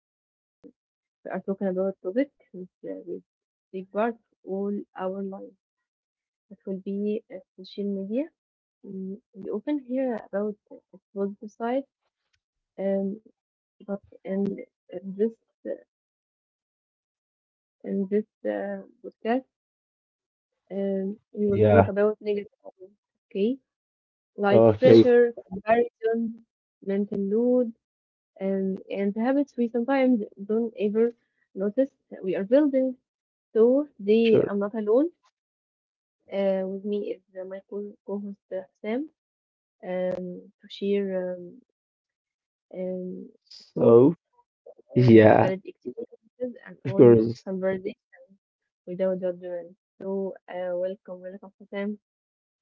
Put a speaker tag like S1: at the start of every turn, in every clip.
S1: Today we are talking about a topic which will take part all our lives. It will be social media. Mm, we often hear about its positive side, um, but in in this in this podcast, we will talk
S2: Yeah.
S1: about negative sides. Okay, like
S2: Okay.
S1: pressure, comparison, mental load and the habits we sometimes don't ever notice that we are building. So today
S2: Sure.
S1: I'm not alone. With me is my co-host Sam to share um, um, thoughts,
S2: So yeah,
S1: valid experiences, and
S2: of
S1: honest
S2: course.
S1: conversation without judgment. So welcome, welcome Sam.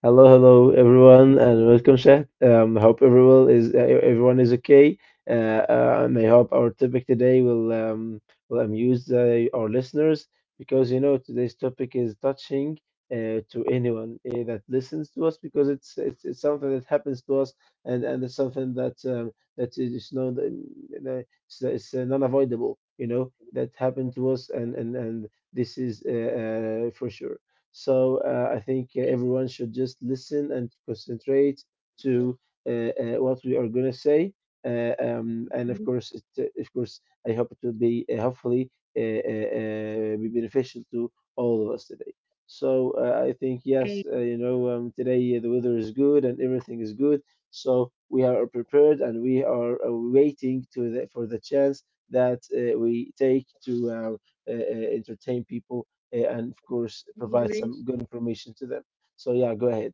S2: Hello, hello everyone, and welcome, Shah. Hope everyone is everyone is okay, uh, and I hope our topic today will will amuse our listeners because you know today's topic is touching to anyone that listens to us because it's something that happens to us and it's something that is no the- it's non-avoidable, you know, that happened to us and this is for sure. So I think
S1: Okay,
S2: everyone should just listen and concentrate to uh, what we are going to say. And of course, of course, I hope it will be hopefully be beneficial to all of us today. So I think yes, you know, today the weather is good and everything is good. So we are prepared and we are waiting for the chance that we take to entertain people, and of course provide
S1: English.
S2: some good information to them. So yeah, go ahead.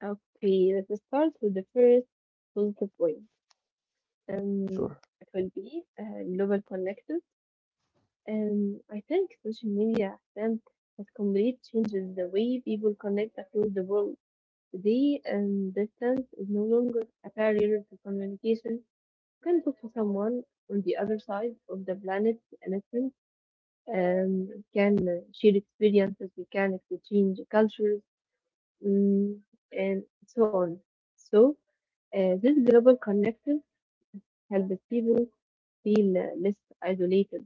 S1: Okay, let's start with the first positive point. Um,
S2: Sure.
S1: it will be global connected. I think social media then has completely changes the way people connect across the world. The distance is no longer a barrier to communication. You can talk to someone on the other side of the planet in essence. We can share experiences, we can exchange cultures, mm, and so on. So, this global connection helps people feel less isolated,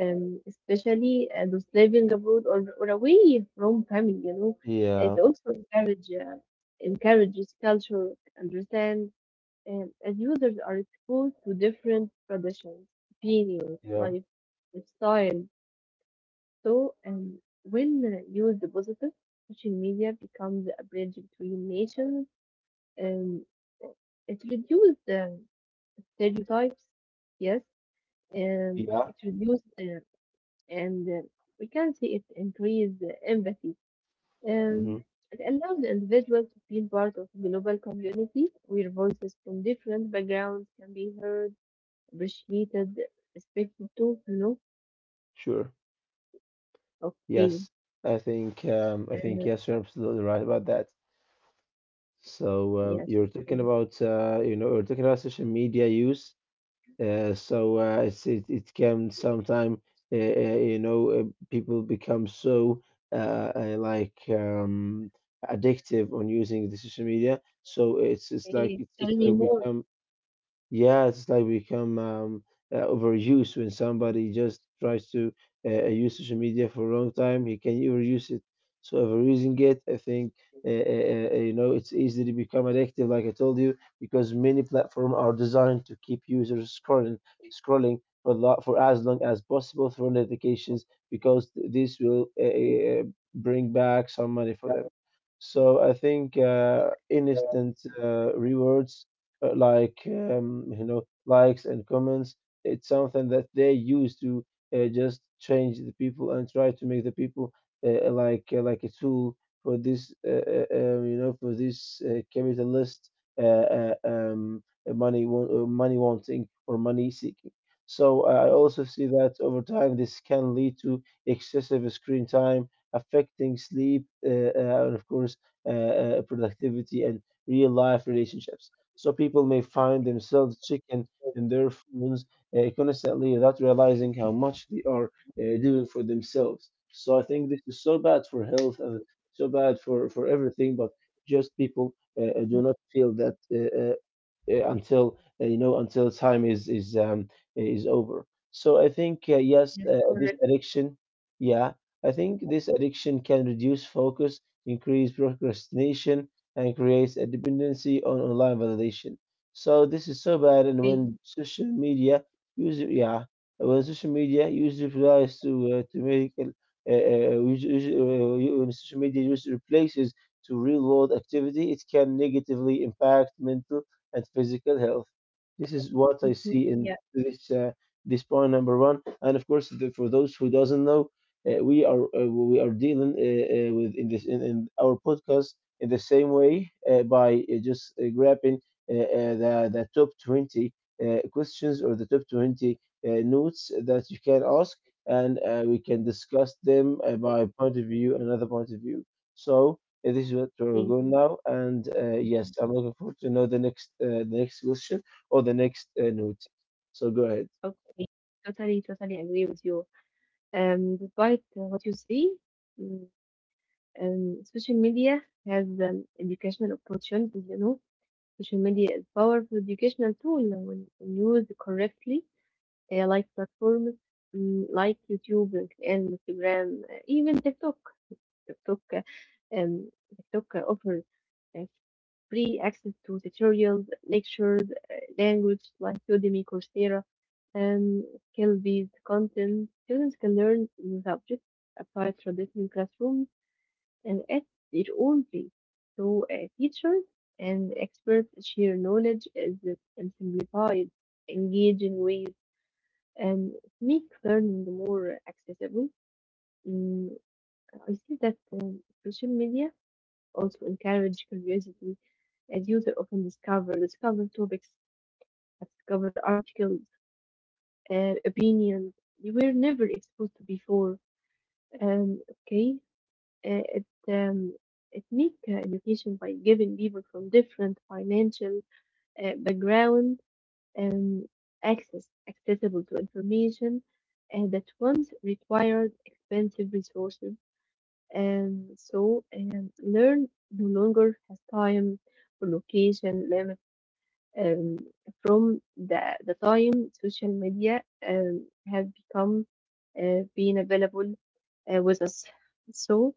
S1: especially those living abroad or away from family, you know. It
S2: Yeah.
S1: also encourages cultural understand, as users are exposed to different traditions, opinions,
S2: Yeah.
S1: lifestyle. So, when used positive, social media becomes a bridge between nations and uh, it reduces the stereotypes, yes, and
S2: Yeah.
S1: it reduces and we can see it increase empathy.
S2: hmm
S1: Um, it allows the individual to feel part of global community where voices from different backgrounds can be heard, appreciated, respected too, you know?
S2: Sure. Yes.
S1: Okay.
S2: I think
S1: Uh,
S2: yes, you're absolutely right about that. So
S1: yes.
S2: you're talking about you know you're talking about social media use. So it it can sometime you know people become so uh, uh, like um, addictive on using the social media. So
S1: Okay.
S2: it's
S1: Tell me
S2: like
S1: more.
S2: become. Yeah, it's like become overuse when somebody just tries to use social media for a long time. He can overuse it. So overusing it, I think, uh, uh, you know, it's easy to become addictive, like I told you, because many platforms are designed to keep users scrolling, for as long as possible through notifications, because this will bring back some money for them. So I think instant rewards you know likes and comments, it's something that they use to just change the people and try to make the people like a tool for this you know for this capitalist uh, uh, um, money wanting or money seeking. So I also see that over time this can lead to excessive screen time affecting sleep, and of course uh, productivity and real life relationships. So people may find themselves chicken in their phones constantly without realizing how much they are doing for themselves. So I think this is so bad for health and so bad for everything, but just people do not feel that until you know until time is over. So I think yes,
S1: Yes,
S2: this
S1: correct.
S2: addiction, yeah, I think this addiction can reduce focus, increase procrastination, and creates a dependency on online validation. So this is so bad. And
S1: Okay.
S2: when social media user, yeah, when social media user relies to make when social media use replaces to real world activity, it can negatively impact mental and physical health. This is what I
S1: Mhm.
S2: see in
S1: Yeah.
S2: this point number one. And of course, for those who doesn't know, we are dealing with in in our podcast in the same way by just grabbing the top 20 questions or the top 20 uh, notes that you can ask, and we can discuss them by point of view, another point of view. So this is what we're
S1: Okay.
S2: going now, and yes, I'm looking forward to know the next question or the next note. So go ahead.
S1: Okay. Totally, totally agree with you. Despite what you say, mm, social media has educational opportunities, you know, social media is powerful educational tool when it is used correctly, like platforms, mm, like YouTube, LinkedIn, Instagram, even TikTok. TikTok, uh, um, TikTok offers uh, free access to tutorials, lectures, language like Udemy, Coursera, and skill-based content. Students can learn new subjects outside traditional classrooms and at their own pace. So, teachers and experts share knowledge as in simplified, engaging ways, and make learning more accessible. Mm, I see that social media also encourage curiosity, as users often discover topics, discover articles, opinions they were never exposed to before. Um, okay, Uh, it um, it make education by giving people from different financial background, um, accessible to information that once required expensive resources, and so learn no longer has time or location limit, um, from the time social media um, have become being available with us. So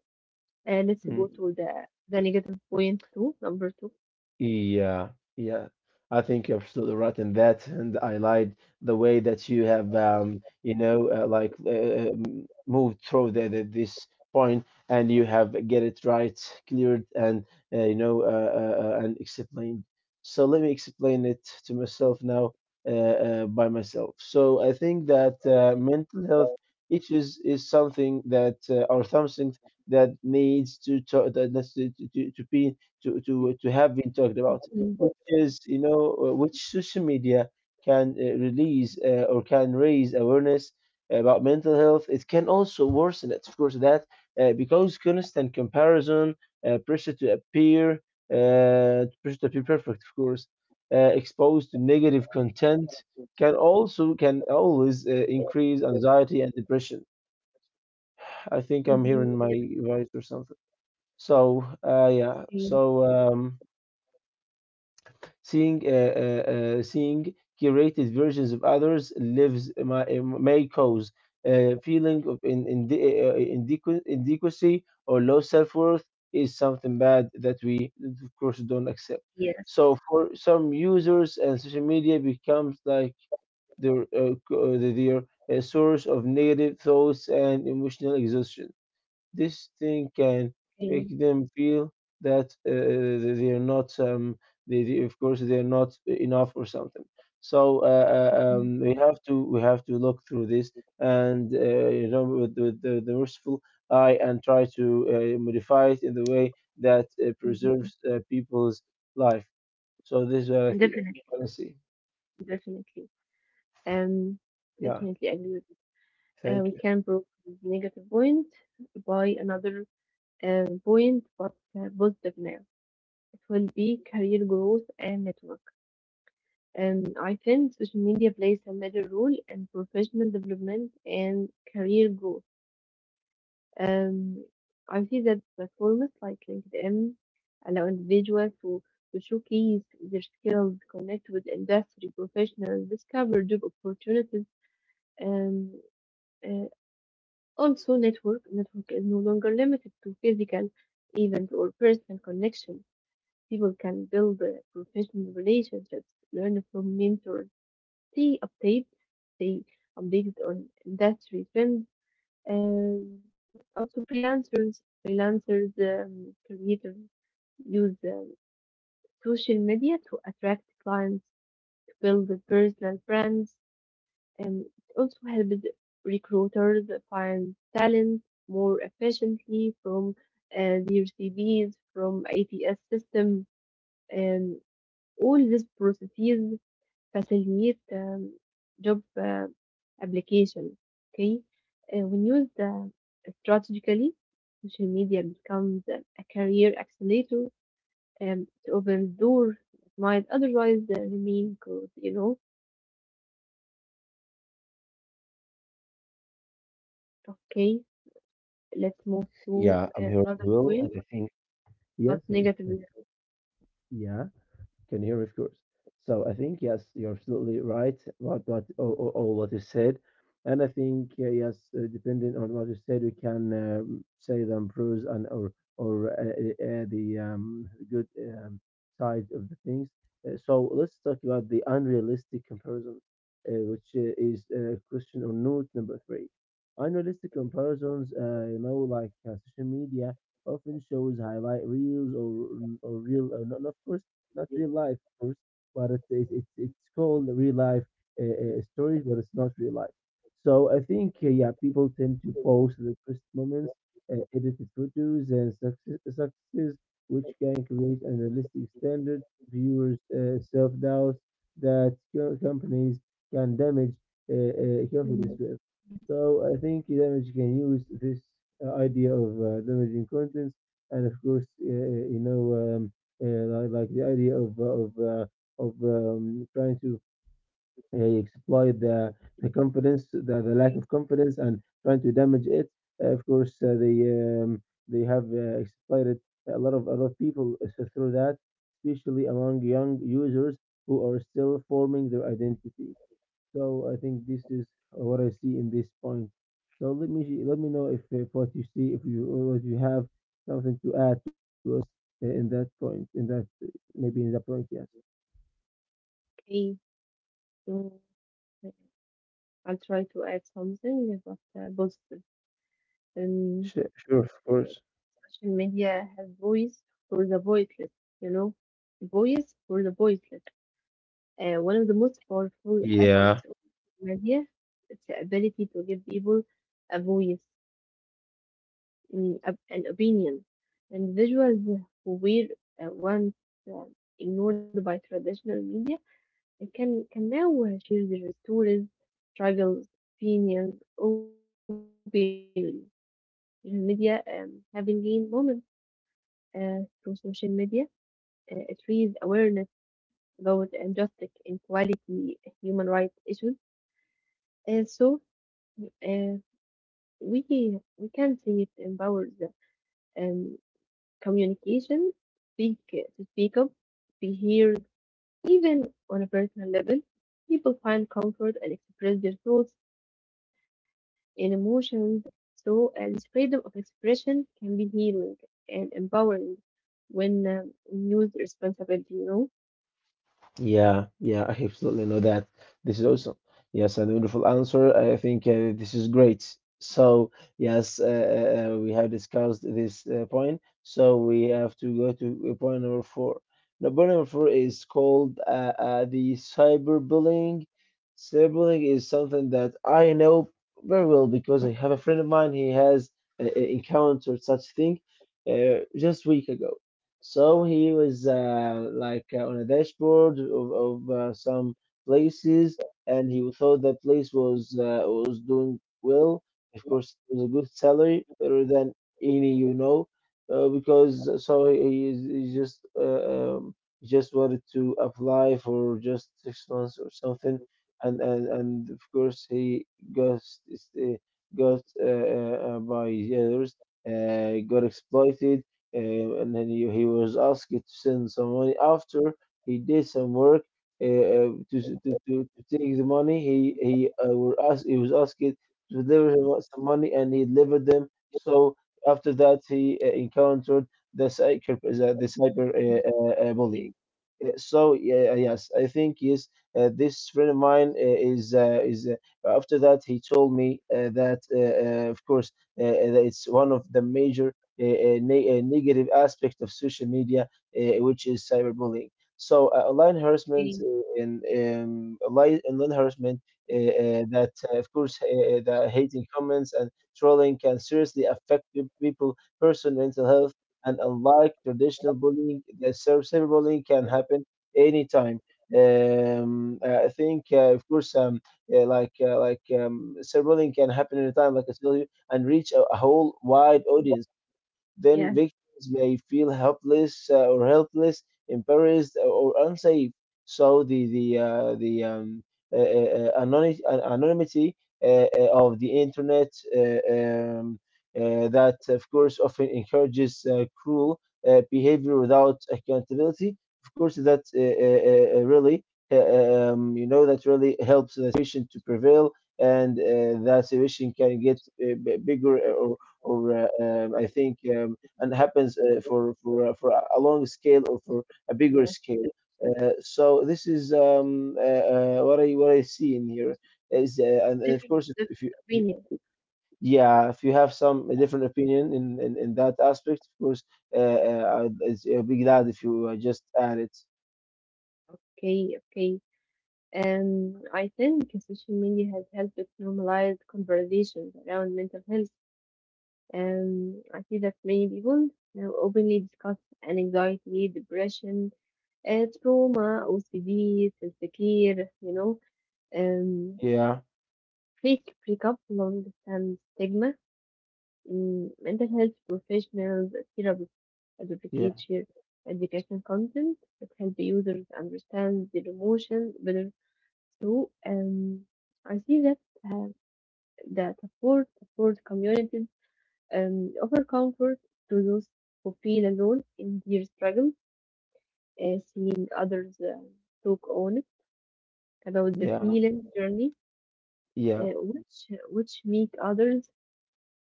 S1: let's go
S2: Hmm.
S1: to the negative point two, number two.
S2: Yeah, yeah. I think you're absolutely right in that, and I lied the way that you have, you know, moved through this point, and you have get it right, cleared, and you know, and explained. So let me explain it to myself now, by myself. So I think that mental health issues is something that or something that needs to that needs to be to have been talked about,
S1: Mm,
S2: which is you know which social media can release or can raise awareness about mental health. It can also worsen it, of course, that because constant comparison, uh, pressure to appear, pressure to appear perfect, of course, exposed to negative content can also can always increase anxiety and depression. I think I'm
S1: mhm.
S2: hearing my voice or something. So yeah,
S1: Yes,
S2: so um, Seeing, uh, uh, seeing curated versions of others lives may cause a feeling of inadequacy or low self worth, is something bad that we, of course, don't accept.
S1: yes,
S2: So for some users, and social media becomes like their their source of negative thoughts and emotional exhaustion. This thing can make
S1: okay,
S2: them feel that they are not they, of course they are not enough or something. So
S1: mhm,
S2: we have to look through this and you know with the merciful eye and try to modify it in the way that preserves
S1: mhm.
S2: people's life. So this is what I think
S1: Definitely,
S2: honestly.
S1: definitely. Um,
S2: Yeah,
S1: definitely agree with you.
S2: thank
S1: We
S2: you.
S1: can prove the negative point by another point, but positive now. It will be career growth and network. And I think social media plays a major role in professional development and career growth. Um, I see that platforms like LinkedIn allow individuals to showcase their skills, connect with industry professionals, discover job opportunities. Um, uh, Also, network is no longer limited to physical events or personal connection. People can build professional relationships, learn from mentors, stay updated, stay updated on industry trends, um, also, freelancers, creators use social media to attract clients, to build the personal brands, and it also helps recruiters find talent more efficiently from their CVs, from ATS system, and all these processes facilitate job application. Okay, when used strategically, social media becomes a career accelerator. It opens doors that might otherwise remain closed. You know, okay, let's move to
S2: Yeah, I'm here
S1: another
S2: Will well,
S1: point,
S2: and I think yes.
S1: not negative.
S2: Yeah. Can hear, of course. So I think yes, you're absolutely right about what all what you said, and I think yes, depending on what you said, we can say the pros and or the good um, side of the things. So let's talk about the unrealistic comparison, which is question or note number three. Unrealistic comparisons, you know, like social media often shows highlight reels or real, not, of course, not real life first, but it it's called real life stories, but it's not real life. So I think yeah, people tend to post the first moments, edited photos, and successes, which can create unrealistic standards, viewers' self doubt that companies can damage
S1: Mm.
S2: confidence with. So I think damage can use this idea of damaging contents and of course you know. Uh, like the idea of trying to exploit the confidence, the lack of confidence, and trying to damage it. Of course, they have exploited a lot of people through that, especially among young users who are still forming their identity. So I think this is what I see in this point. So let me know if what you see, if you or what you have something to add to us in that point, in that maybe in that point, yes.
S1: Okay, so uh, I'll try to add something, but positive.
S2: Sure, sure, of course.
S1: Uh, social media has voice for the voiceless, you know, voice for the voiceless. One of the most powerful
S2: Yeah.
S1: aspects of social media is the ability to give people a voice, mm, a- an opinion. Individuals who were once ignored by traditional media can now share their stories, struggles, opinions openly. Social media, having gained moments through social media, it raised awareness about injustice, inequality, human rights issues. So uh, we we can say it empowers, um, communication, speak to speak up, be heard, even on a personal level. People find comfort and express their thoughts and emotions. So this freedom of expression can be healing and empowering when used responsibly. You know.
S2: Yeah, yeah, I absolutely know that. This is awesome. Yes, and wonderful answer. I think this is great. So, yes, we have discussed this point. So, we have to go to point number four. Now, point number four is called the cyberbullying. Cyberbullying is something that I know very well because I have a friend of mine. He has encountered such thing just week ago. So he was like on a dashboard of some places, and he thought that place was doing well. Of course, it was a good salary, better than any you know, because so he just wanted to apply for just 6 months or something, and and of course he got s- s- uh, got by the others, got exploited and then he was asked to send some money. After he did some work to, s- to take the money, he was asked to deliver him some money, and he delivered them. So after that, he encountered the cyber bullying. So yeah, yes, I think yes. This friend of mine is after that he told me that of course that it's one of the major a negative aspect of social media, which is cyberbullying. Online harassment and online harassment of course, the hating comments and trolling can seriously affect people, person mental health, and unlike traditional bullying, the cyberbullying can happen anytime. I think, of course, cyberbullying can happen anytime, like I told you, and reach a whole wide audience. Then
S1: Yes,
S2: victims may feel helpless or helpless, embarrassed, or unsafe. So the uh, uh, anony- Anonymity of the internet, uh, um, that of course, often encourages cruel behavior without accountability. Of course, that really that really helps the situation to prevail, and that situation can get bigger, or I think and happens for a long scale or for a bigger
S1: yes,
S2: scale.
S1: yes,
S2: So this is what I see in here is and of course
S1: different
S2: if you-
S1: opinion.
S2: yeah, if you have some a different opinion in that aspect, of course I'd be glad if you just add it.
S1: Okay, okay. I think social media has helped normalize conversations around mental health. I see that many people now openly discuss anxiety, depression, trauma, OCD, self-care, you know, um,
S2: yeah
S1: fake breakup, long-term stigma, mm, mental health professionals, therapists advocate
S2: yeah
S1: share educational content that help users understand their emotions better. So, um, I see that uh, support communities offer comfort to those who feel alone in their struggle. Seeing others talk on about their
S2: yeah
S1: healing journey,
S2: yeah
S1: uh, which which make others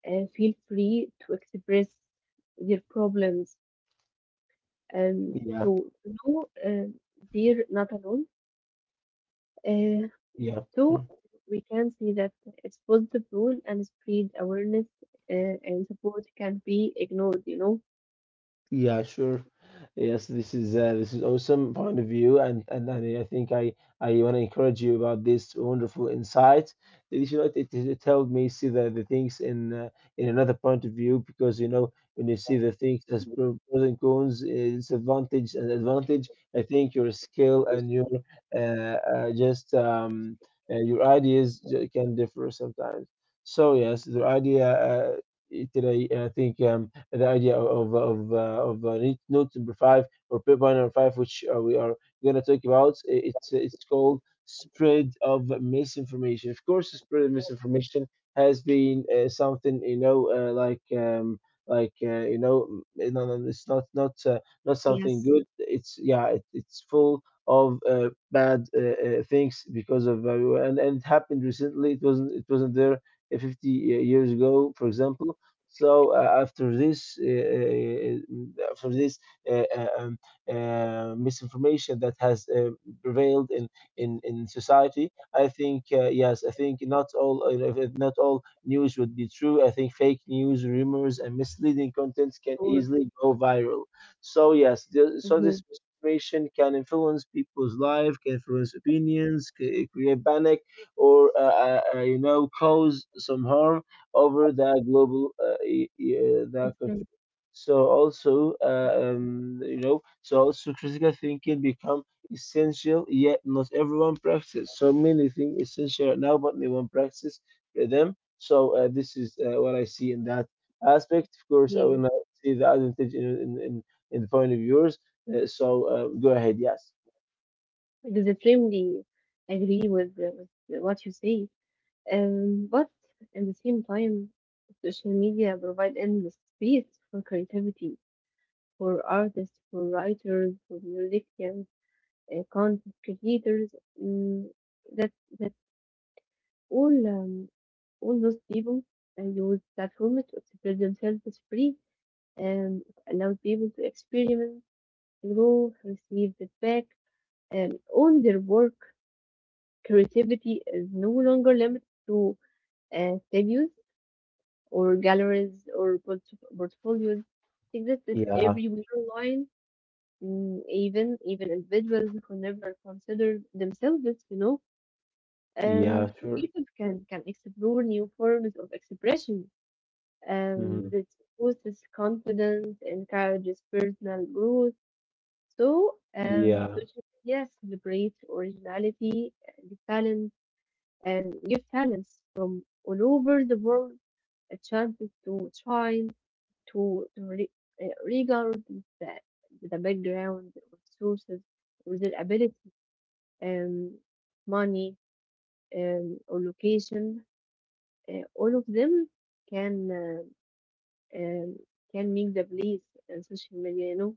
S1: feel free to express their problems, um,
S2: yeah
S1: to know they're not alone. Uh,
S2: yeah.
S1: two, we can see that it's positive role and spread awareness and support can be ignored, you know.
S2: Yeah, sure. Yes, this is awesome point of view, and I think I want to encourage you about this wonderful insight. That you know, it helped me see the things in another point of view, because you know when you see the things as pros and cons, disadvantage and advantage. I think your skill and your just your ideas can differ sometimes. So yes, the idea today, I think. The idea of Node number five or paper number 5, which we are going to talk about. It's called spread of misinformation. Of course, spread of misinformation has been something, you know, no, no, it's not something
S1: Yes.
S2: good. It's yeah, it's full of bad things because of and it happened recently. It wasn't there 50 years ago, for example. So after this uh, uh, um, misinformation that has prevailed in society, I think yes, I think not all news would be true. I think fake news, rumors, and misleading
S1: Sure.
S2: contents can easily go viral. So yes,
S1: Mm-hmm.
S2: the, so this misinformation can influence people's life, can influence opinions, create panic, or you know, cause some harm over the global the
S1: Mhm.
S2: country. So also, you know, so also critical thinking become essential. Yet not everyone practices. So many things essential right now, but no one practice them. So this is what I see in that aspect. Of course, I
S1: Yeah.
S2: will not see the advantage in the point of yours. So go ahead. Yes.
S1: Extremely agree with what you say. But at the same time, social media provide endless space for creativity, for artists, for writers, for musicians, content creators, mm, that that all um, all those people use platforms to express themselves free, and allow people to experiment, grow, receive feedback, and own their work. Creativity is no longer limited to studios or galleries or portfolios. Exists is
S2: Yeah.
S1: everywhere online. Mm, even even individuals who never considered themselves, you know,
S2: Yeah. Sure.
S1: Creators can explore new forms of expression
S2: Hmm.
S1: that boosts confidence, encourages personal growth. So,
S2: Yeah.
S1: social media celebrates originality and talent and give talents from all over the world a chance to shine, to, to re- regardless the, the background or sources or their ability, um, money, or location. All of them can uh, um, can make the place in social media, you know.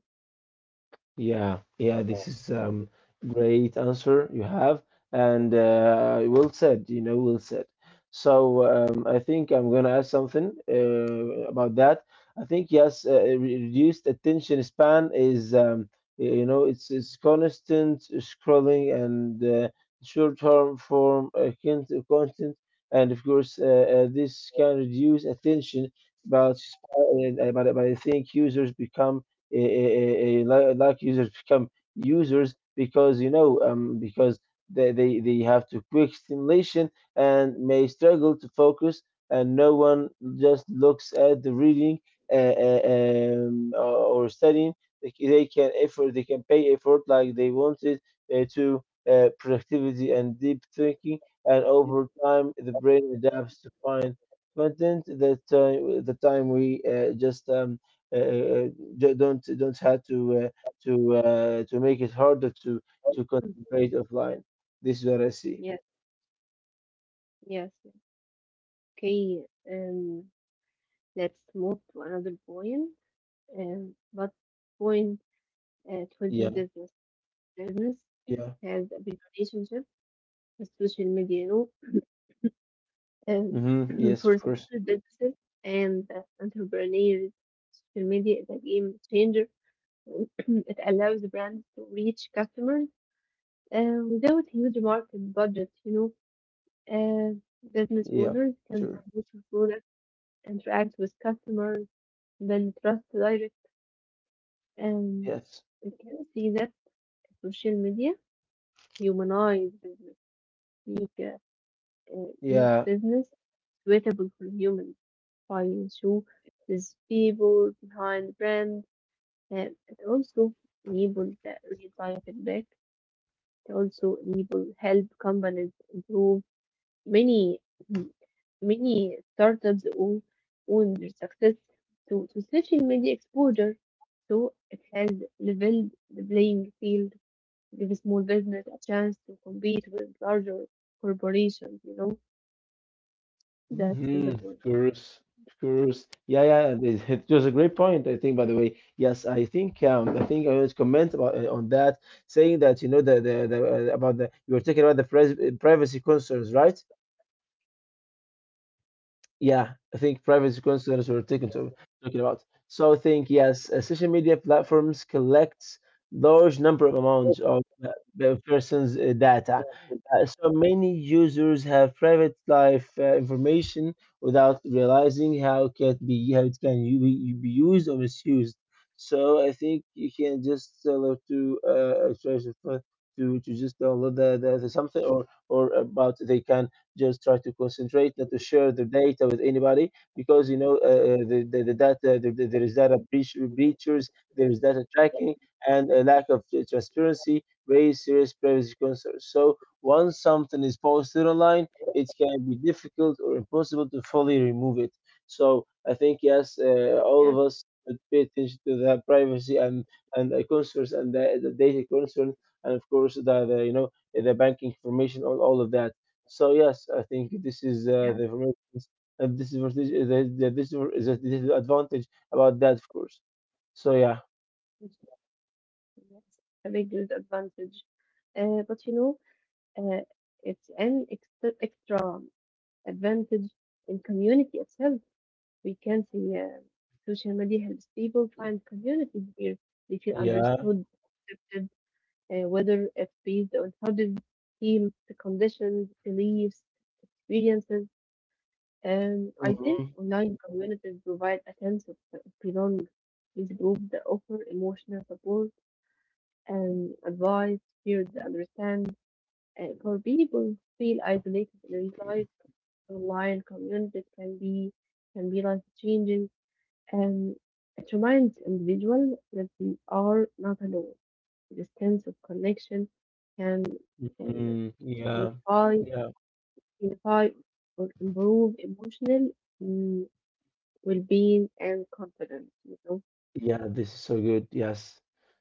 S2: Yeah, this is great answer you have, and well said, you know, well said. So I think I'm gonna add something about that. I think yes, reduced attention span is you know, it's constant scrolling and short-term form content, and of course this can reduce attention, but I think users become users become users because you know because they they have to quick stimulation and may struggle to focus, and no one just looks at the reading or studying. They can effort, they can pay effort like they wanted to productivity and deep thinking, and over time the brain adapts to find content that the time we uh, uh, don't have to uh, to make it harder to
S1: Mhm.
S2: concentrate offline. This is what I see.
S1: Yes, yes. Okay, um, let's move to another point. What point It will be
S2: Yeah,
S1: business. Business
S2: yeah.
S1: has a big relationship with social media, you know.
S2: Mm-hmm. Yes,
S1: For
S2: of course.
S1: small businesses and entrepreneurs, social media is a game changer. It allows brands to reach customers without huge market budget, you know. Uh, business
S2: Yeah,
S1: owners can promote
S2: sure.
S1: their products, interact with customers, build trust direct, and
S2: Yes.
S1: we can see that social media humanize business, make uh, make
S2: Yeah.
S1: business suitable for humans by show these people behind brands, and it also enable the real time feedback. It also enable help companies improve many. Many startups owe own their success to social media exposure, so it has leveled the playing field to give a small business a chance to compete with larger corporations. You know, that's the
S2: Mm-hmm. Of
S1: point.
S2: course. Of course. Yeah, yeah. It, it was a great point, I think, by the way. Yes, I think I think I was comment about on that, saying that, you know, the about the, you were talking about the pres privacy concerns, right? Yeah, I think privacy concerns we're taking to talking about. So I think yes, social media platforms collect large number of amounts of the person's data. So many users have private life information without realizing how it can be, how it can be used or misused. So I think you can just tell it to try to to just download the something, or about they can just try to concentrate, not to share the data with anybody, because you know the data, there is data breach, breaches, there is data tracking, and a lack of transparency raise serious privacy concerns. So once something is posted online, it can be difficult or impossible to fully remove it. So I think yes,
S1: Yes,
S2: all of us should pay attention to the privacy and the concerns and the data concerns, and of course the, you know, the banking information, all of that. So yes, I think this is the advantage, and this is this is the disadvantage about that, of course. So yeah.
S1: it's it's a big disadvantage. But you know, uh, it's an extra, extra advantage in community itself. We can see social media helps people find communities where they feel
S2: Yeah.
S1: understood, accepted, whether it's based on hobbies, teams, conditions, beliefs, experiences. I think
S2: Hmm.
S1: online communities provide a sense of belonging. These groups that offer emotional support and advice, shared understand. For people who feel isolated in real life, online communities can be life changing. Um, it reminds individuals that they are not alone. This sense of connection can can
S2: Hmm. Yeah.
S1: unify,
S2: Yeah.
S1: unify or improve emotional, mm, well-being and confidence. You know,
S2: Yeah, this is so good. Yes.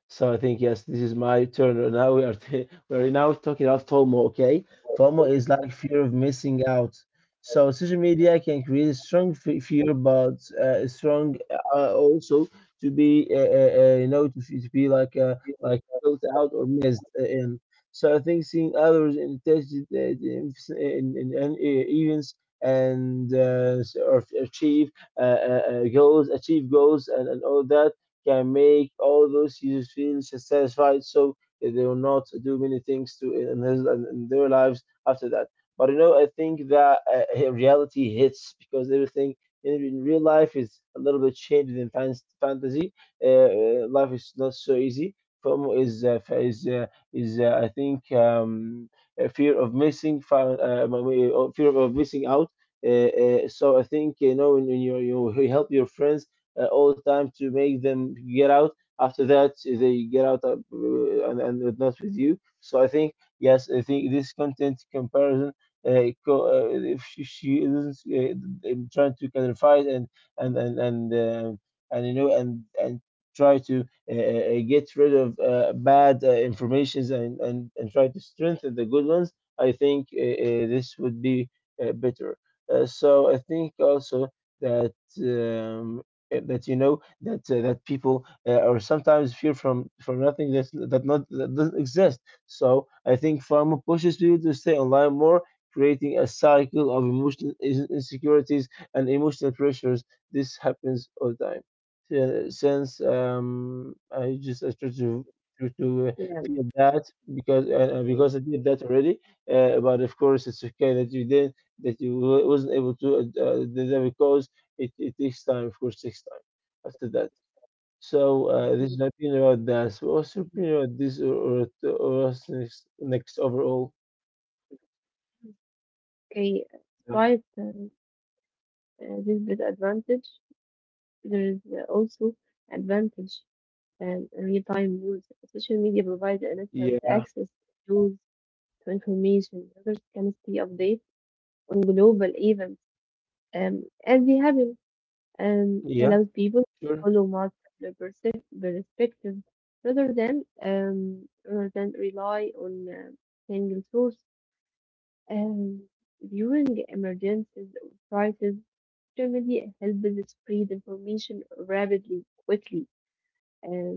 S2: So I think yes, this is my turn. Now we are t we're now talking about FOMO, okay? FOMO is like fear of missing out. So social media can create a strong fear, but a strong also to be you know, to be like built out or missed in. So I think seeing others in touch- in events and or achieve uh, uh, goals, achieve goals, and all that can make all those users feel satisfied. So they will not do many things to in their lives after that. But you know, I think that reality hits because everything in real life is a little bit changed in fantasy. Life is not so easy. FOMO is I think a fear of missing out. So I think, you know, when you help your friends all the time to make them get out. After that, they get out and not with you. So I think yes, I think this content comparison. If she isn't trying to clarify it and and and and um you know, and try to get rid of bad informations, and try to strengthen the good ones. I think this would be better. So I think also that um, that you know that that people are sometimes fear from nothing that that not that doesn't exist. So I think pharma pushes people to stay online more, creating a cycle of emotional insecurities and emotional pressures. This happens all the time. Since I try to to feel that,
S1: yeah,
S2: because I did that already. But of course, it's okay that you did, that you wasn't able to do that because it takes time, of course, takes time after that.
S1: mhm.
S2: So this is my opinion about that. So what's your opinion about this, or what's next, next overall?
S1: Okay,
S2: Yeah,
S1: despite this disadvantage, there is also advantage. And real-time news, social media provides an instant
S2: yeah,
S1: access to news, to information. Users can stay updated on global events, as they happen. Um, it
S2: yeah,
S1: allows people to
S2: sure.
S1: follow multiple perspectives rather than rely on single source. Um, during emergencies or crises, generally helps spread information rapidly, quickly, um,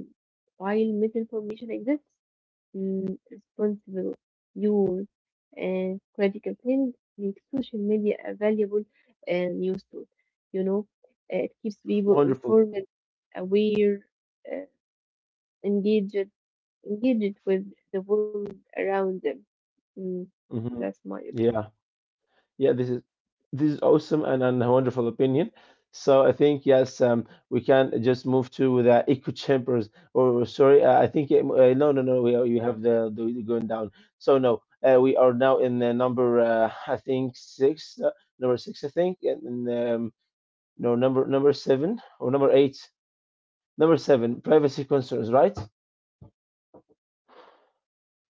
S1: while misinformation exists, mm, responsible use and critical think make social media a valuable uh, news tool. You know, it keeps people
S2: Wonderful.
S1: informed, aware, uh, engaged, engaged with the world around them. Mm, that's
S2: Hmm.
S1: my opinion.
S2: Yeah. Yeah, this is awesome and a wonderful opinion. So I think yes, we can just move to the echo chambers. Or sorry, I think no, no, no. We are, you have the going down. So no, we are now in number I think six, number 6 I think, and no, number 7 or number 8, number 7 privacy concerns, right?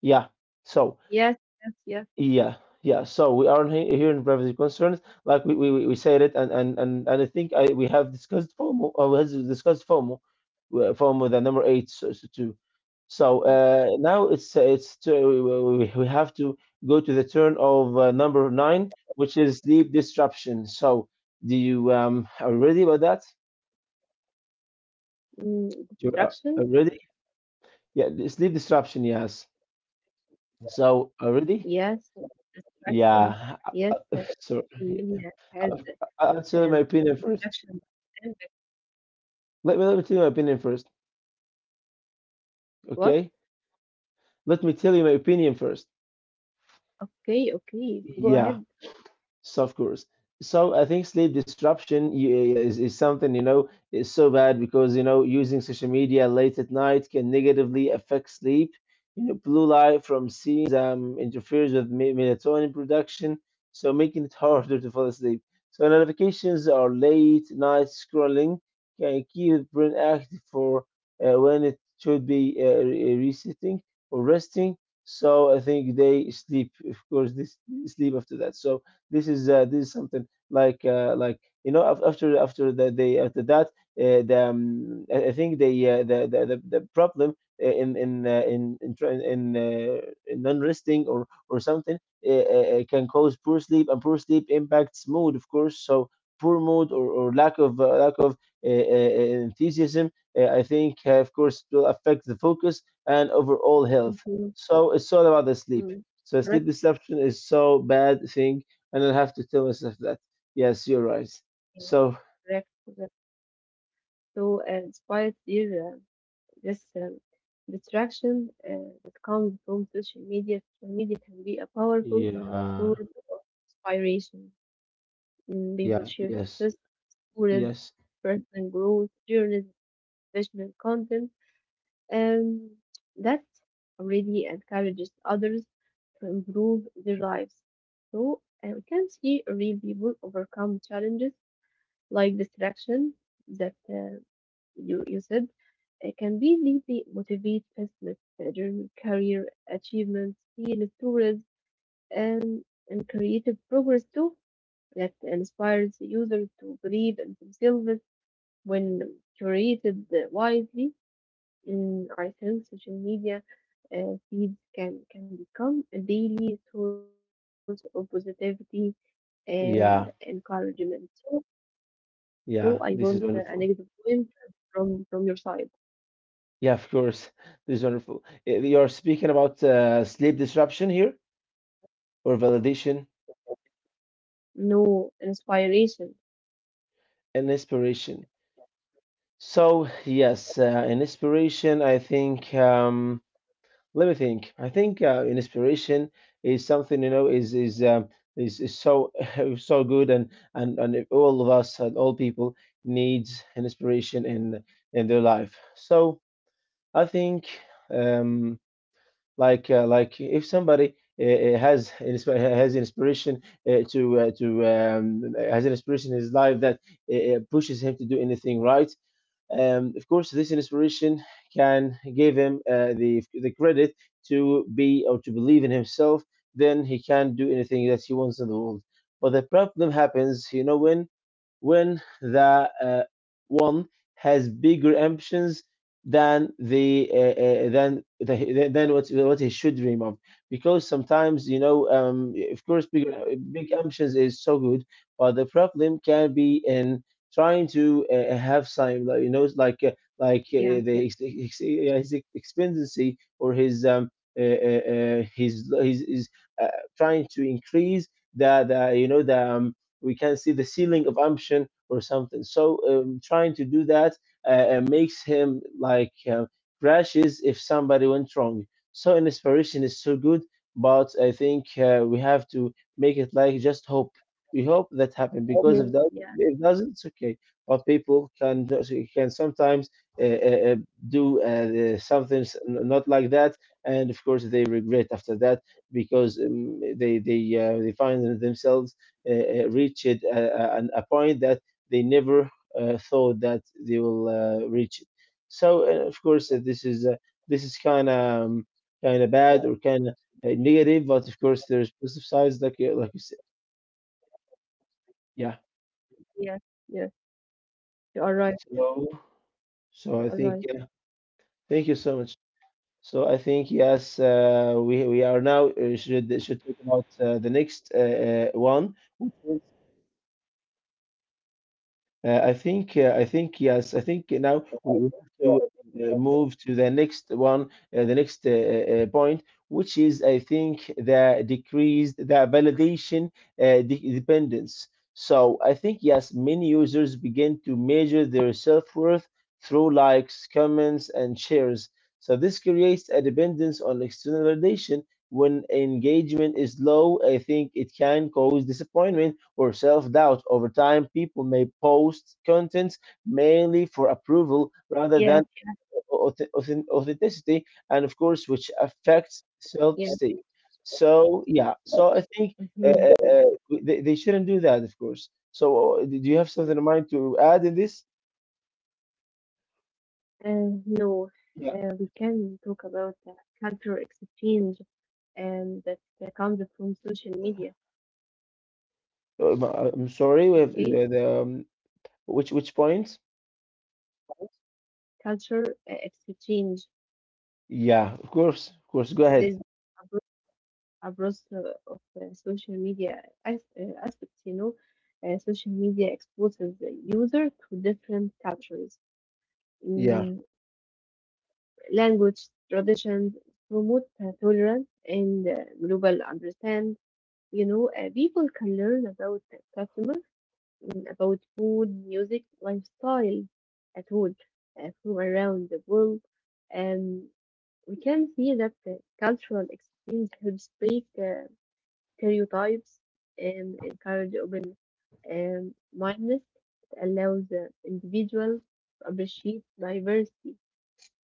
S2: Yeah. So
S1: Yes, yes, yes.
S2: Yeah, yeah. So we are here in privacy concerns, like we said it, and, and I think I we have discussed FOMO, or we has discussed FOMO, FOMO the number 8 so, so too. So
S1: Mm,
S2: uh, now it's to, we have to go to the turn of number 9, which is sleep disruption. So do you are you ready about that?
S1: mm,
S2: You're
S1: distraction.
S2: are you ready? Yeah, sleep disruption. Yes. So are you
S1: Yes,
S2: ready?
S1: distraction. Yes,
S2: Yeah.
S1: social media
S2: Sorry.
S1: has
S2: I'll
S1: um,
S2: tell you my opinion
S1: distraction.
S2: first.
S1: And
S2: Let me tell you my opinion first,
S1: what?
S2: okay? Let me tell you my opinion first.
S1: Okay, okay. Go ahead.
S2: Yeah, so of course. So I think sleep disruption is something, you know, is so bad because, you know, using social media late at night can negatively affect sleep. You know, blue light from screens interferes with melatonin production, so making it harder to fall asleep. So notifications or late night scrolling can keep the brain active for when it should be resetting or resting. So I think they sleep, of course, they sleep after that. So this is something like you know af- after after the, they after that the I think the problem in tra- in non-resting or something can cause poor sleep, and poor sleep impacts mood of course, so poor mood or lack of enthusiasm I think of course will affect the focus and overall health,
S1: Mhm,
S2: so it's all about the
S1: mm.
S2: sleep, so sleep disruption is so bad thing, and then have to tell myself that yes, you're right.
S1: Yes,
S2: So
S1: correct, correct. So, despite these, this distraction that comes from social media can be a powerful
S2: yeah,
S1: source of inspiration. People
S2: yeah,
S1: share
S2: yes,
S1: success stories,
S2: yes,
S1: personal growth, journeys, professional content, um, that already encourages others to improve their lives. So we can see real people overcome challenges like distraction that you said can be deeply motivate business, journey, career achievements, heal tourism, and, and creative progress too. That inspires users to believe in themselves when curated wisely. I think social media feeds can become a daily source of positivity and
S2: yeah,
S1: encouragement. So, I want
S2: yeah.
S1: a
S2: This is
S1: negative
S2: wonderful.
S1: point from your side.
S2: Yeah, of course, this is wonderful. Eh, you're speaking about sleep disruption here, or validation
S1: No inspiration.
S2: and inspiration. So yes, in inspiration, I think. Let me think. I think inspiration is something you know is so so good, and if all of us and all people needs an inspiration in their life. So I think um, like if somebody has inspiration to has an inspiration in his life that pushes him to do anything, right. Of course, this inspiration can give him the credit to be or to believe in himself. Then he can do anything that he wants in the world. But the problem happens, you know, when the one has bigger ambitions than the than what he should dream of, because sometimes you know of course big big ambitions is so good, but the problem can be in trying to have some like, you know like
S1: Yes,
S2: the
S1: yes.
S2: yeah, his expectancy or his his uh, trying to increase the you know the we can see the ceiling of ambition or something. So trying to do that makes him like crashes if somebody went wrong. So an inspiration is so good, but I think we have to make it like just hope. We hope that happen, because if that,
S1: Mhm. Yeah,
S2: if it doesn't, it's okay. But people can just, can sometimes uh, uh, uh, do something not like that, and of course they regret after that, because they find themselves reached a point that they never thought that they will reach it. So of course this is kind of bad or kind of negative, but of course there's positive sides like you said.
S1: yeah, yeah.
S2: Yeah.
S1: You are right. Yes, you are right.
S2: So so I think yeah. Thank you so much. So I think yes, we are now should talk about the next one. Which I think, yes, I think now we have to move to the next one, the next point, which is, I think, the decreased the validation dependence. So I think, yes, many users begin to measure their self-worth through likes, comments, and shares. So this creates a dependence on external validation. When engagement is low, I think it can cause disappointment or self-doubt. Over time, people may post content mainly for
S1: Yeah,
S2: approval rather than authenticity, and of course, which
S1: yes.
S2: affects self-esteem. So yeah, so I
S1: Mm-hmm.
S2: think uh, uh, uh, they shouldn't do that, of course. So do you have something in mind to add in this?
S1: No, we
S2: Yeah.
S1: can talk about the cultural exchange and that comes from social media.
S2: I'm sorry, we
S1: Okay.
S2: have the which point?
S1: Cultural uh, exchange.
S2: Yeah, of course, of course. Go ahead.
S1: There's a growth of social media as, aspects. Social media exposes the user to different cultures,
S2: Yeah,
S1: mm, language, traditions, promote tolerance and global understand. People can learn about the customer, about food, music, lifestyle, at all from around the world. Um, We can see that cultural exchange helps break stereotypes and encourage open mindedness. It allows the individual to appreciate diversity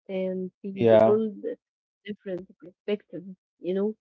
S1: and see the
S2: yeah.
S1: world with different perspectives.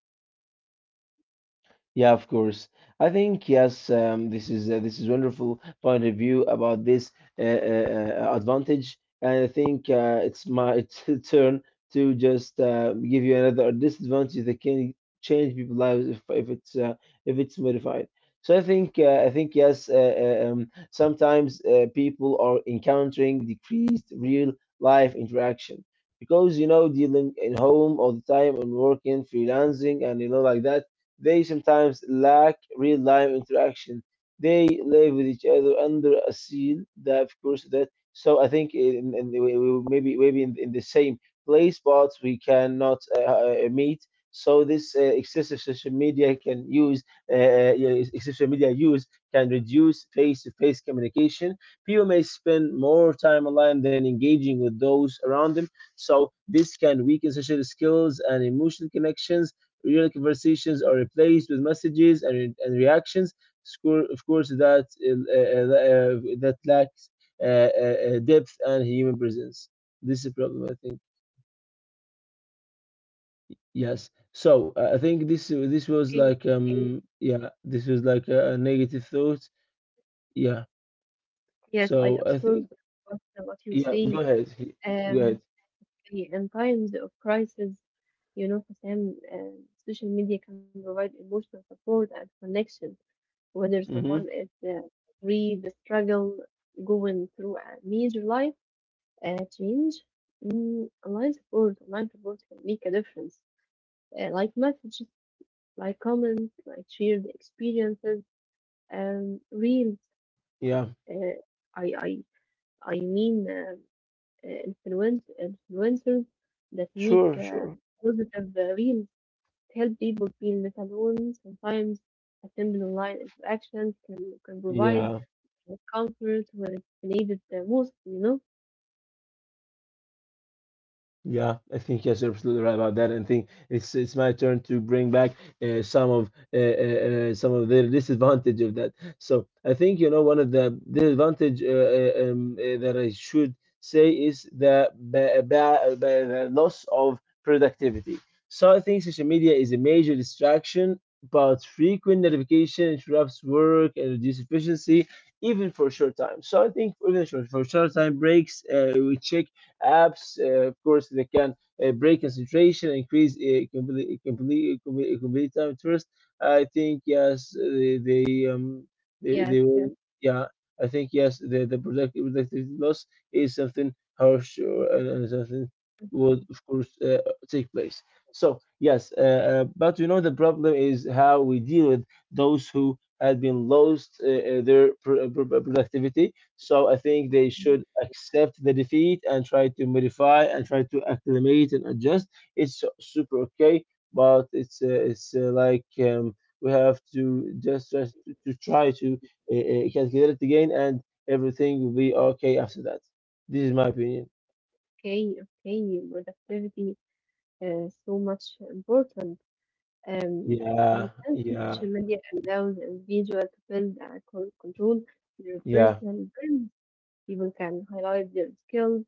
S2: Yeah, of course. I think yes. This is wonderful point of view about this advantage, and I think it's my it's the turn to just give you another disadvantage that can change people's lives if it's modified. So I think yes. Sometimes people are encountering decreased real life interaction, because you know dealing in home all the time and working freelancing and you know like that, they sometimes lack real-life interaction. They live with each other under a seal. That of course that. So I think maybe maybe in the same place, but we cannot meet. So this excessive social media can use yeah, social media use can reduce face-to-face communication. People may spend more time online than engaging with those around them. So this can weaken social skills and emotional connections. Real conversations are replaced with messages and reactions. Score, of course, that that lacks depth and human presence. This is a problem, I think. Yes. So I think this was
S1: Okay,
S2: like
S1: okay.
S2: um, yeah, this was like a negative thought. Yeah.
S1: Yes, I
S2: So I
S1: absorb
S2: think
S1: what, what you
S2: yeah.
S1: say.
S2: Go ahead. Go ahead.
S1: Um, in times of crisis, Hassan, social media can provide emotional support and connection whether someone
S2: Mm-hmm.
S1: is read the struggle going through a major life change. Online support can make a difference. Like messages, like comments, like shared experiences, reels.
S2: Yeah.
S1: Uh, I I I mean uh, influence influencers that make
S2: Sure. Sure.
S1: positive reels help people feel less alone. Sometimes a simple online interaction can provide
S2: Yeah.
S1: or comfort where it's needed the most, you know?
S2: Yeah, I think yes, you're absolutely right about that. And think it's my turn to bring back uh, some of uh, uh, some of the disadvantage of that. So I think you know one of the disadvantage that I should say is the, ba- ba- ba- the loss of productivity. So I think social media is a major distraction, but frequent notification interrupts work and reduce efficiency, even for short time. So I think even for short time breaks, we check apps. Of course, they can break concentration, increase complete time interest. I think yes, they they,
S1: Yes.
S2: they
S1: Yes.
S2: will, yeah. I think yes, the productivity loss is something harsh or, and something would of course take place. So yes, but you know the problem is how we deal with those who had been lost their productivity, so I think they should accept the defeat and try to modify and try to acclimate and adjust. It's super okay, but it's like we have to to try to calculate it again, and everything will be okay after that. This is my opinion.
S1: Okay, okay, productivity is so much important. Um, and
S2: Yeah,
S1: we can see
S2: yeah,
S1: social media allows an individual to build and control their
S2: yeah.
S1: personal brand. People can highlight their skills,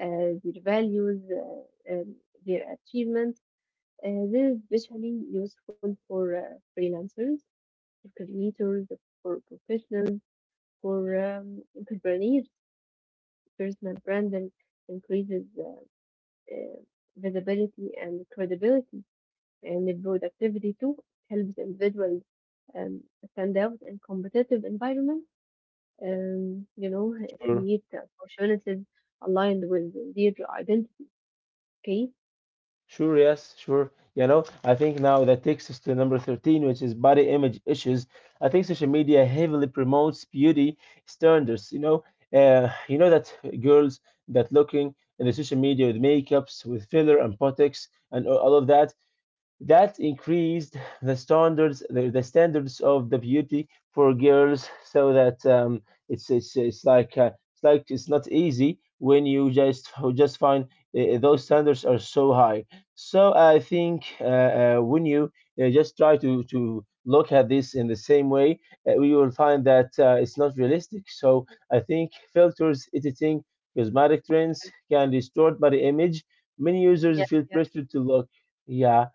S1: their values, their achievements. This is especially useful for freelancers, for creators, for professionals, for entrepreneurs personal brand and increases uh, visibility and credibility and the productivity too. It helps individuals um, stand out in competitive environments. Um, you know,
S2: Sure.
S1: Create opportunities aligned with their identity. Okay.
S2: Sure, yes, sure. You know, I think now that takes us to number 13, which is body image issues. I think social media heavily promotes beauty standards. You know that girls that looking in the social media with makeups, with filler and botox and all of that, that increased the standards, the standards of the beauty for girls, so that it's like it's like it's not easy when you just find those standards are so high. So I think when you just try to look at this in the same way, we will find that it's not realistic. So I think filters, editing, cosmetic trends can distort body image. Many users
S1: Yes,
S2: feel
S1: yes.
S2: pressured to look, yeah,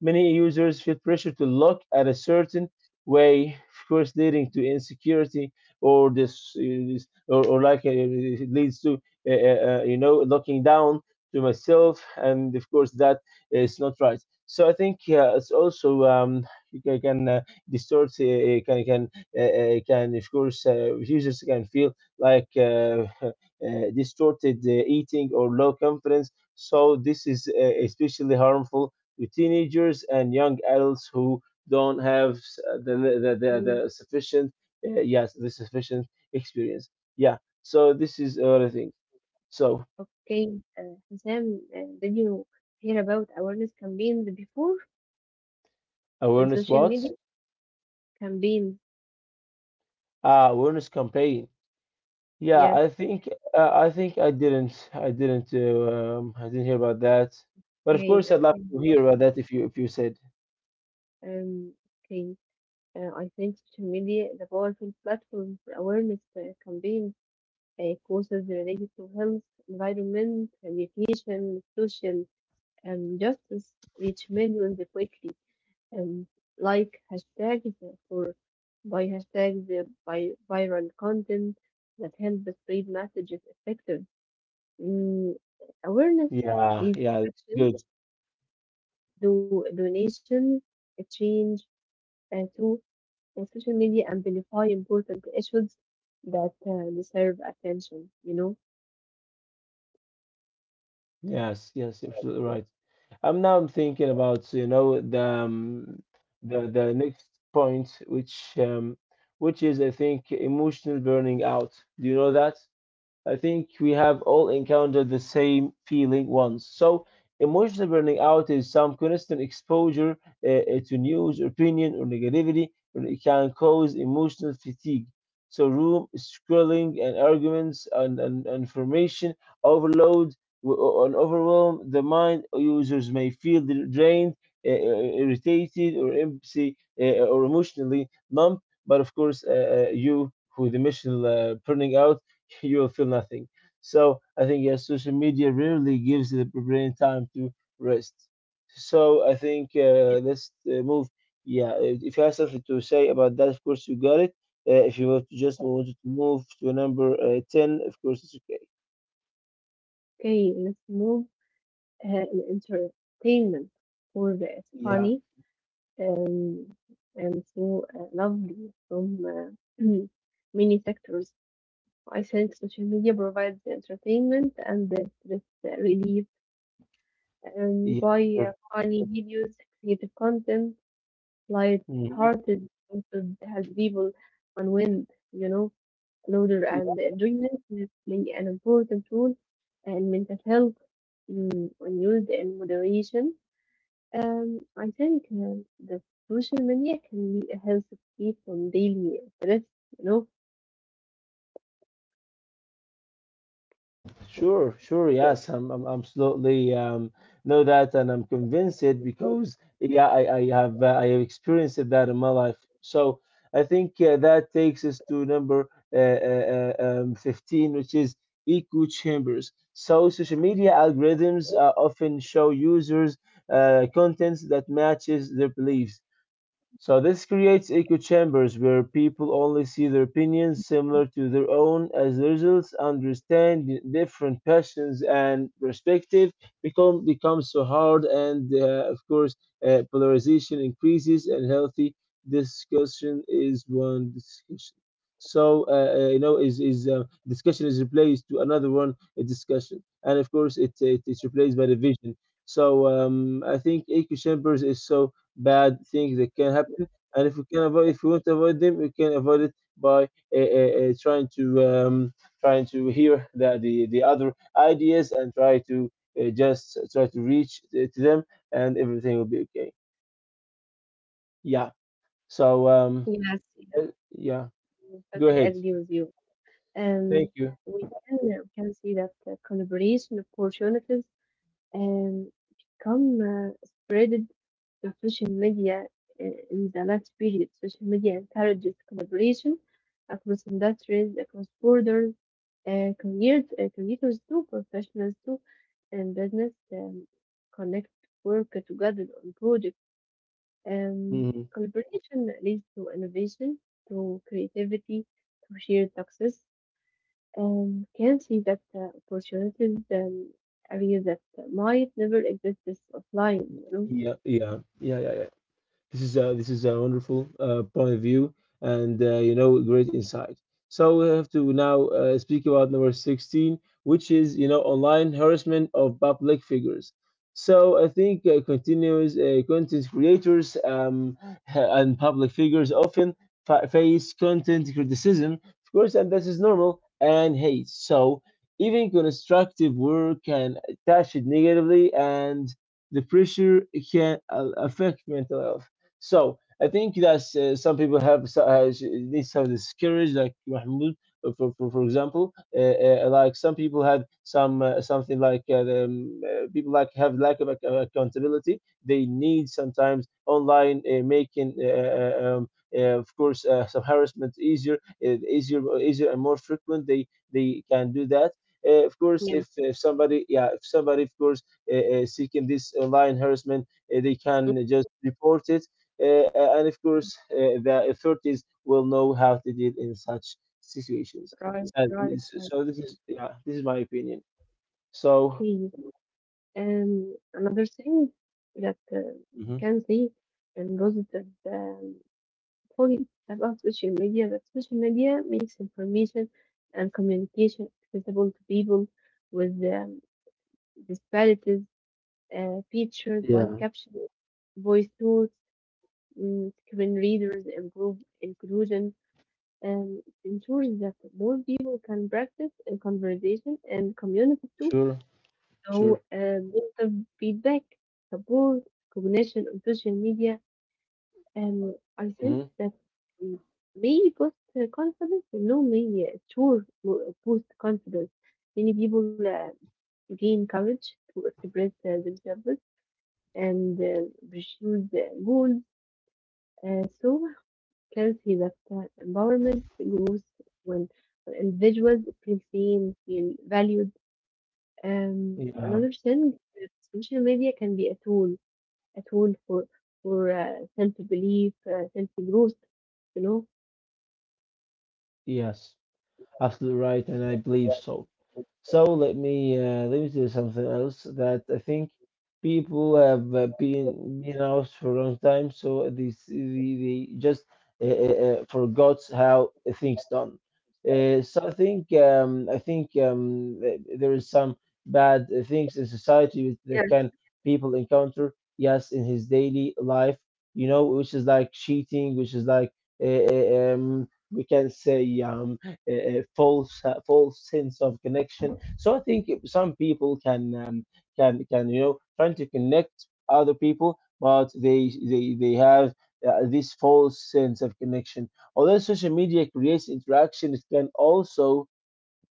S2: many users feel pressure to look at a certain way, of course, leading to insecurity or or like it leads to, you know, looking down to myself. And of course, that is not right. So I think it's also can distort, can of course users can feel like uh, distorted eating or low confidence. So this is especially harmful to teenagers and young adults who don't have the the, the,
S1: Mm.
S2: the sufficient, yes, the sufficient experience. Yeah, so this is another thing. So
S1: Okay, Sam, did you hear about awareness campaigns before on
S2: awareness
S1: social media?
S2: what?
S1: Campaigns,
S2: Awareness campaign. Yeah,
S1: yes.
S2: I think I didn't hear about that, but of
S1: Okay,
S2: course I'd love
S1: okay.
S2: to
S1: Yes.
S2: hear about that if you said.
S1: Um, okay. I think social media is a powerful platform for awareness campaigns, causes related to health, environment, education, social justice reach millions quickly. Um, like hashtags for by hashtags by viral content that help spread messages effective. Mm, Awareness
S2: Yeah,
S1: leads to
S2: yeah.
S1: action,
S2: Good.
S1: do donations, change, to and social media amplify important issues that deserve attention, you know?
S2: Yes, yes, absolutely right. I'm thinking about the the next point, which which is, I think, emotional burning out. Do you know that? I think we have all encountered the same feeling once. So, emotional burning out is some constant exposure to news, opinion, or negativity, and it can cause emotional fatigue. So, room scrolling and arguments, and information overload and overwhelm the mind. Users may feel drained, irritated, or empty, or emotionally numb. But of course, you, with emotional burning out, you will feel nothing. So I think, yes, social media rarely gives the brain time to rest. So I think let's move. Yeah, if you have something to say about that, of course you got it. If you want to just want to move to number ten, of course it's okay.
S1: Okay, let's move in entertainment for the it's
S2: Yeah,
S1: funny, um, and so lovely from many sectors. I think social media provides the entertainment and the stress relief
S2: yeah,
S1: by
S2: sure.
S1: funny videos, creative content,
S2: Mhm.
S1: light-hearted content that has people unwind. you know Laughter and enjoyment play an important role in mental health when used in moderation. I think that social media can be a health key from daily stress, you know,
S2: Sure, sure. Yes, I'm absolutely know that, and I'm convinced it because, yeah, I have experienced that in my life. So I think that takes us to number 15, which is echo chambers. So social media algorithms often show users contents that matches their beliefs. So this creates echo chambers where people only see their opinions similar to their own. As the results, understanding different passions and perspective becomes so hard, and of course, polarization increases. And healthy discussion is one discussion. So is discussion is replaced to another one, a discussion, and of course, it's replaced by division. So I think echo chambers is so bad things that can happen. And if you can avoid, if you want to avoid them, you can avoid it by uh, uh, uh, trying to um, trying to hear the other ideas, and try to just try to reach to them, and everything will be okay. Yeah. So
S1: Yes,
S2: yeah,
S1: yes. I
S2: go
S1: totally
S2: ahead.
S1: agree with you. Um,
S2: Thank you.
S1: we can see that collaboration opportunities um, become spread the social media in the last period. Social media encourages collaboration across industries, across borders, careers, creators too, professionals too, and business connect work together on projects. Um,
S2: Mhm.
S1: Collaboration leads to innovation, to creativity, to shared success. Can see that opportunities areas that might never exist offline.
S2: Yeah, yeah, yeah, yeah, yeah. This is a wonderful point of view, and great insight. So we have to now speak about number 16, which is, online harassment of public figures. So I think continuous content creators, and public figures often face content criticism, of course, and this is normal, and hate. So even constructive work can attach it negatively, and the pressure can affect mental health. So I think that some people have they have this courage, like Mahmoud, for, for example, like some people had some something like, people like have lack of accountability. They need sometimes online making. Of course, some harassment easier, easier, and more frequent. They can do that. Of course,
S1: Yeah.
S2: if somebody, yeah, if somebody, of course, uh, seeking this online harassment, they can just report it, and of course, the authorities will know how to deal in such situations.
S1: Right,
S2: So,
S1: right, right.
S2: so this is, yeah, this is my opinion. So.
S1: Please. Another thing that you
S2: Mhm.
S1: can say and positive um, point about social media, that social media makes information and communication accessible to people with disparities, features like
S2: Yeah,
S1: captions, voice tools, screen readers improve inclusion, and it ensures that more people can practice in conversation and communicate too.
S2: sure,
S1: هو
S2: sure.
S1: with the feedback, support, recognition on social media, I think
S2: Hmm.
S1: that m may boost confidence, no, may sure bo boost confidence. Many people, gain courage to express themselves and pursue their goals, so can see that empowerment grows when when individuals feel seen, feel valued.
S2: Yeah.
S1: Another thing, uh, social media can be a tool. At all for self belief, self growth. You know.
S2: Yes, absolutely right, and I believe so. So let me do something else that I think people have been out for a long time, so they just forgot how things done. So I think, there is some bad things in society which that
S1: Yeah.
S2: can people encounter. Yes, in his daily life, which is like cheating, which is like, we can say, a false, a false sense of connection. So I think some people can trying to connect other people, but they have this false sense of connection. Although social media creates interaction, it can also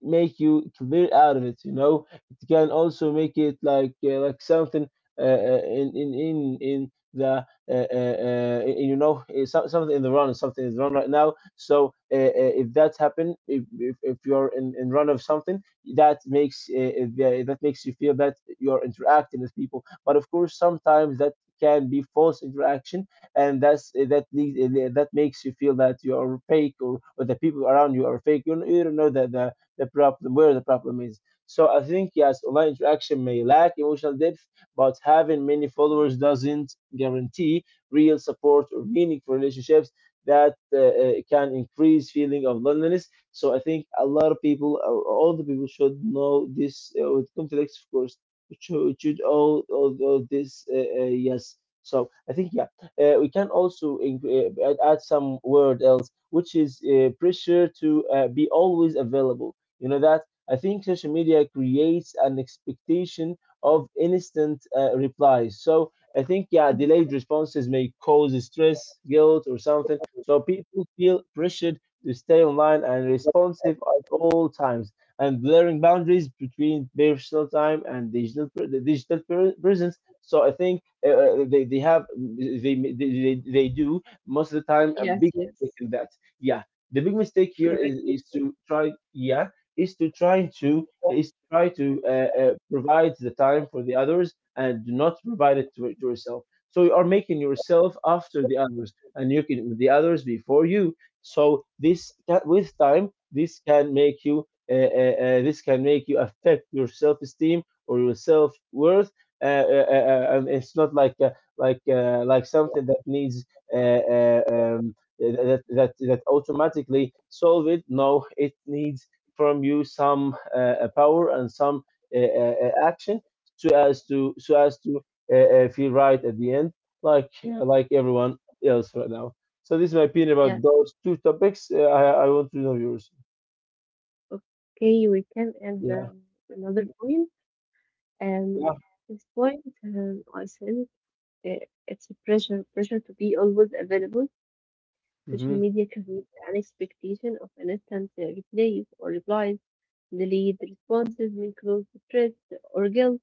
S2: make you clear out of it, you know. It can also make it like, like something, in the, something in the run, something is run right now. So, if that happen, if you're in run of something that makes that makes you feel that you're interacting with people, but of course sometimes that can be false interaction, and that's, eh, that leads, that makes you feel that you are fake, or the people around you are fake. You don't know that the problem, where the problem is. So I think, yes, online interaction may lack emotional depth, but having many followers doesn't guarantee real support or meaningful relationships, that can increase feeling of loneliness. So I think a lot of people, or all the people, should know this, with conflicts, of course. We Should, we should all this yes. So I think, yeah, we can also add some word else, which is pressure to be always available, you know that. I think social media creates an expectation of instant replies. So I think, yeah,
S1: Mhm.
S2: delayed responses may cause stress, guilt, or something. So people feel pressured to stay online and responsive at all times, and blurring boundaries between personal time and digital presence. So I think they have they do most of the time a big
S1: Yes, yes.
S2: mistake in that. Yeah, the big mistake here
S1: Okay.
S2: is
S1: Correct.
S2: is to try. Yeah, is to try to is try to provide the time for the others and do not provide it to yourself. So you are making yourself after the others, and you can the others before you. So with time, this can make you, uh, this can make you affect your self esteem or your self worth. And it's not like, like something that needs that automatically solve it. No, it needs from you some power and some action, so as to, so as to feel right at the end, like, like everyone else right now. So this is my opinion about
S1: Yeah.
S2: those two topics. I want to know yours.
S1: Okay, we can add
S2: Yeah,
S1: another point. Um,
S2: yeah.
S1: this point, I said uh, it's a pressure to be always available. Social
S2: Hmm.
S1: media creates an expectation of an instant replies or replies, delayed responses, may cause stress or guilt.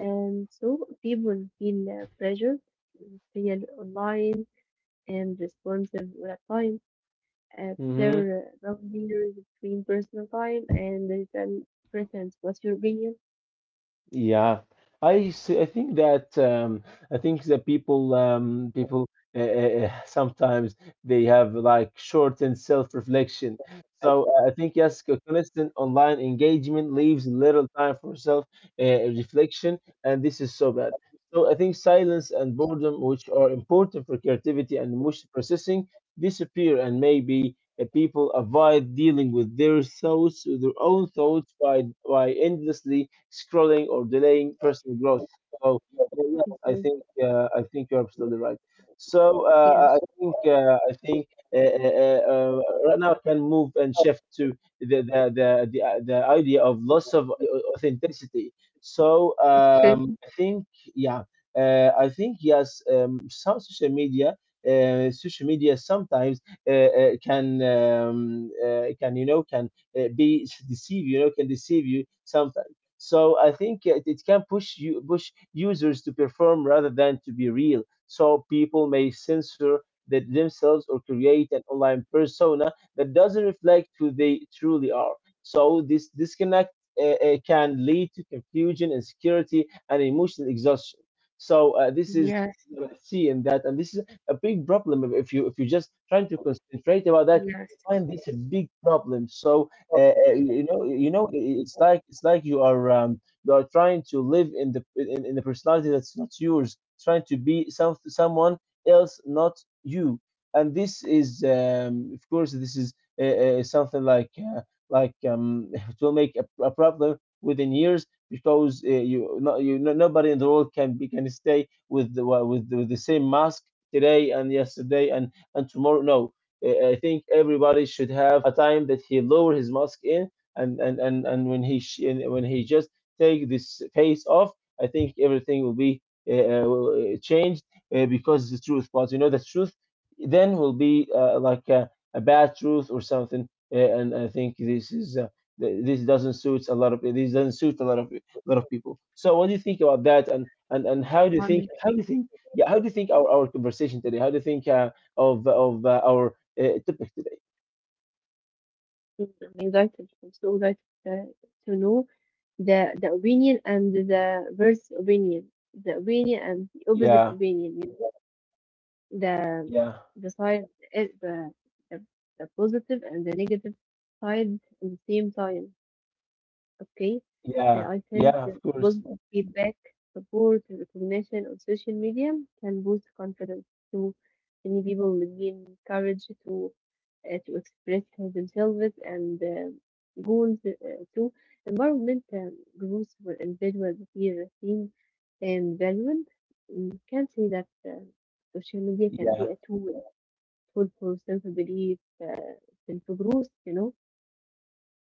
S1: And so people feel pressure to feel online and responsive with time.
S2: Hmm.
S1: Blur rough boundaries between personal time and digital presence. What's your opinion?
S2: Yeah, I think that, people uh, uh, sometimes they have like shortened self-reflection. So I think, yes, constant online engagement leaves little time for self-reflection, and this is so bad. So I think silence and boredom, which are important for creativity and emotion processing, disappear, and maybe people avoid dealing with their thoughts, their own thoughts, by endlessly scrolling or delaying personal growth. So yes,
S1: Mhm.
S2: I think you're absolutely right. So I
S1: Yes,
S2: think uh, uh, uh, uh, right now I can move and shift to the idea of loss of authenticity. So
S1: okay.
S2: I think, yeah, I think, yes, some social media. Social media sometimes can, can, be deceive, you know, can deceive you sometimes. So I think it, it can push you push users to perform rather than to be real. So people may censor that themselves or create an online persona that doesn't reflect who they truly are. So this disconnect can lead to confusion, insecurity, and emotional exhaustion. So this is what I see in that, and this is a big problem, if you, if you're just trying to concentrate about that, you find this a big problem. So you know, it's like, it's like you are, you are trying to live in the, in the personality that's not yours, trying to be someone else, not you. And this is, of course, this is something like, it will make a problem within years, because you no, nobody in the world can be, can stay with the, with the same mask today and yesterday and tomorrow. No, I think everybody should have a time that he lower his mask in, and and when he and when he just take this face off, I think everything will be, changed, because the truth. But you know, the truth then will be like, a bad truth or something. And I think this is. This doesn't suit a lot of, this doesn't suit a lot of, a lot of people. So what do you think about that? And, and how do you think?
S1: Wonderful.
S2: How do you think? Yeah, how do you think our conversation today? How do you think of our topic today?
S1: I'm excited. I'm so excited uh, to know the opinion and the verse opinion, the opinion and the opposite
S2: Yeah,
S1: opinion. The
S2: yeah,
S1: the side, eh, the, the the positive and the negative side at the same time. Okay,
S2: yeah,
S1: I think
S2: yeah.
S1: that
S2: Of course.
S1: positive feedback, support, and recognition on social media can boost confidence too. Many people will gain courage to express themselves and goals too. Environmental groups where individuals feel seen and valued, can say that social media can be
S2: Yeah.
S1: a tool for self-belief, self-growth.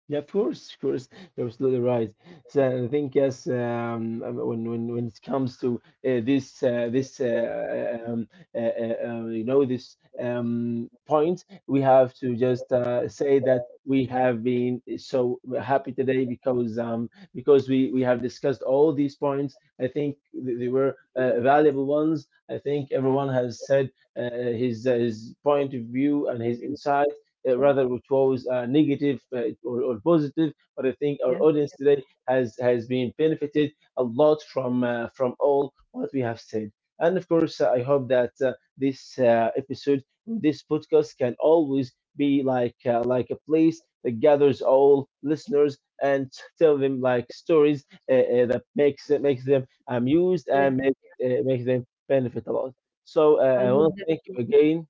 S2: Yeah, of course, you're absolutely right. So I think, yes, when when it comes to this this uh, um, you know this point, we have to just say that we have been so happy today, because we have discussed all these points. I think they were valuable ones. I think everyone has said his point of view and his insight, rather which was negative or positive. But I think
S1: Yeah,
S2: our audience today has been benefited a lot from, from all what we have said. And of course, I hope that this episode, this podcast, can always be like, like a place that gathers all listeners and tell them, like, stories that makes, makes them amused
S1: yeah.
S2: and make, makes them benefit a lot. So I
S1: I
S2: want
S1: hope
S2: to
S1: that
S2: thank you again.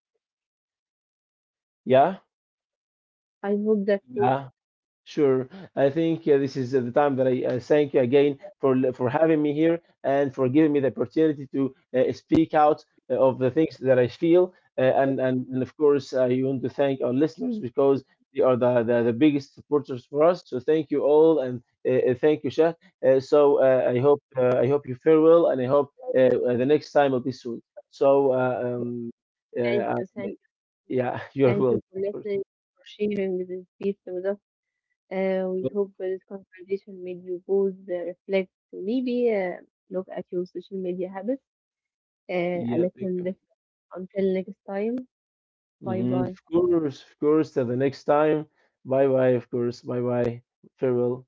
S2: Yeah,
S1: I hope that too.
S2: yeah. Sure. I think this is the time that I thank you again for for having me here and for giving me the opportunity to speak out of the things that I feel. And, and of course, I want to thank our listeners, because they are the biggest supporters for us. So thank you all, and thank you, Shah. So I hope, I hope you fare well, and I hope the next time will be soon. So
S1: Thank
S2: uh, um,
S1: you, thank you,
S2: yeah, you're
S1: thank you
S2: welcome.
S1: for
S2: Of course.
S1: listening, for sharing this piece with us. We hope this conversation made you both reflect, maybe look at your social media habits uh, a
S2: Yeah, thank
S1: little bit.
S2: you.
S1: Until next time, bye
S2: Mhm.
S1: bye.
S2: Of course, of course. Till the next time. Bye bye, of course. Bye bye. Farewell.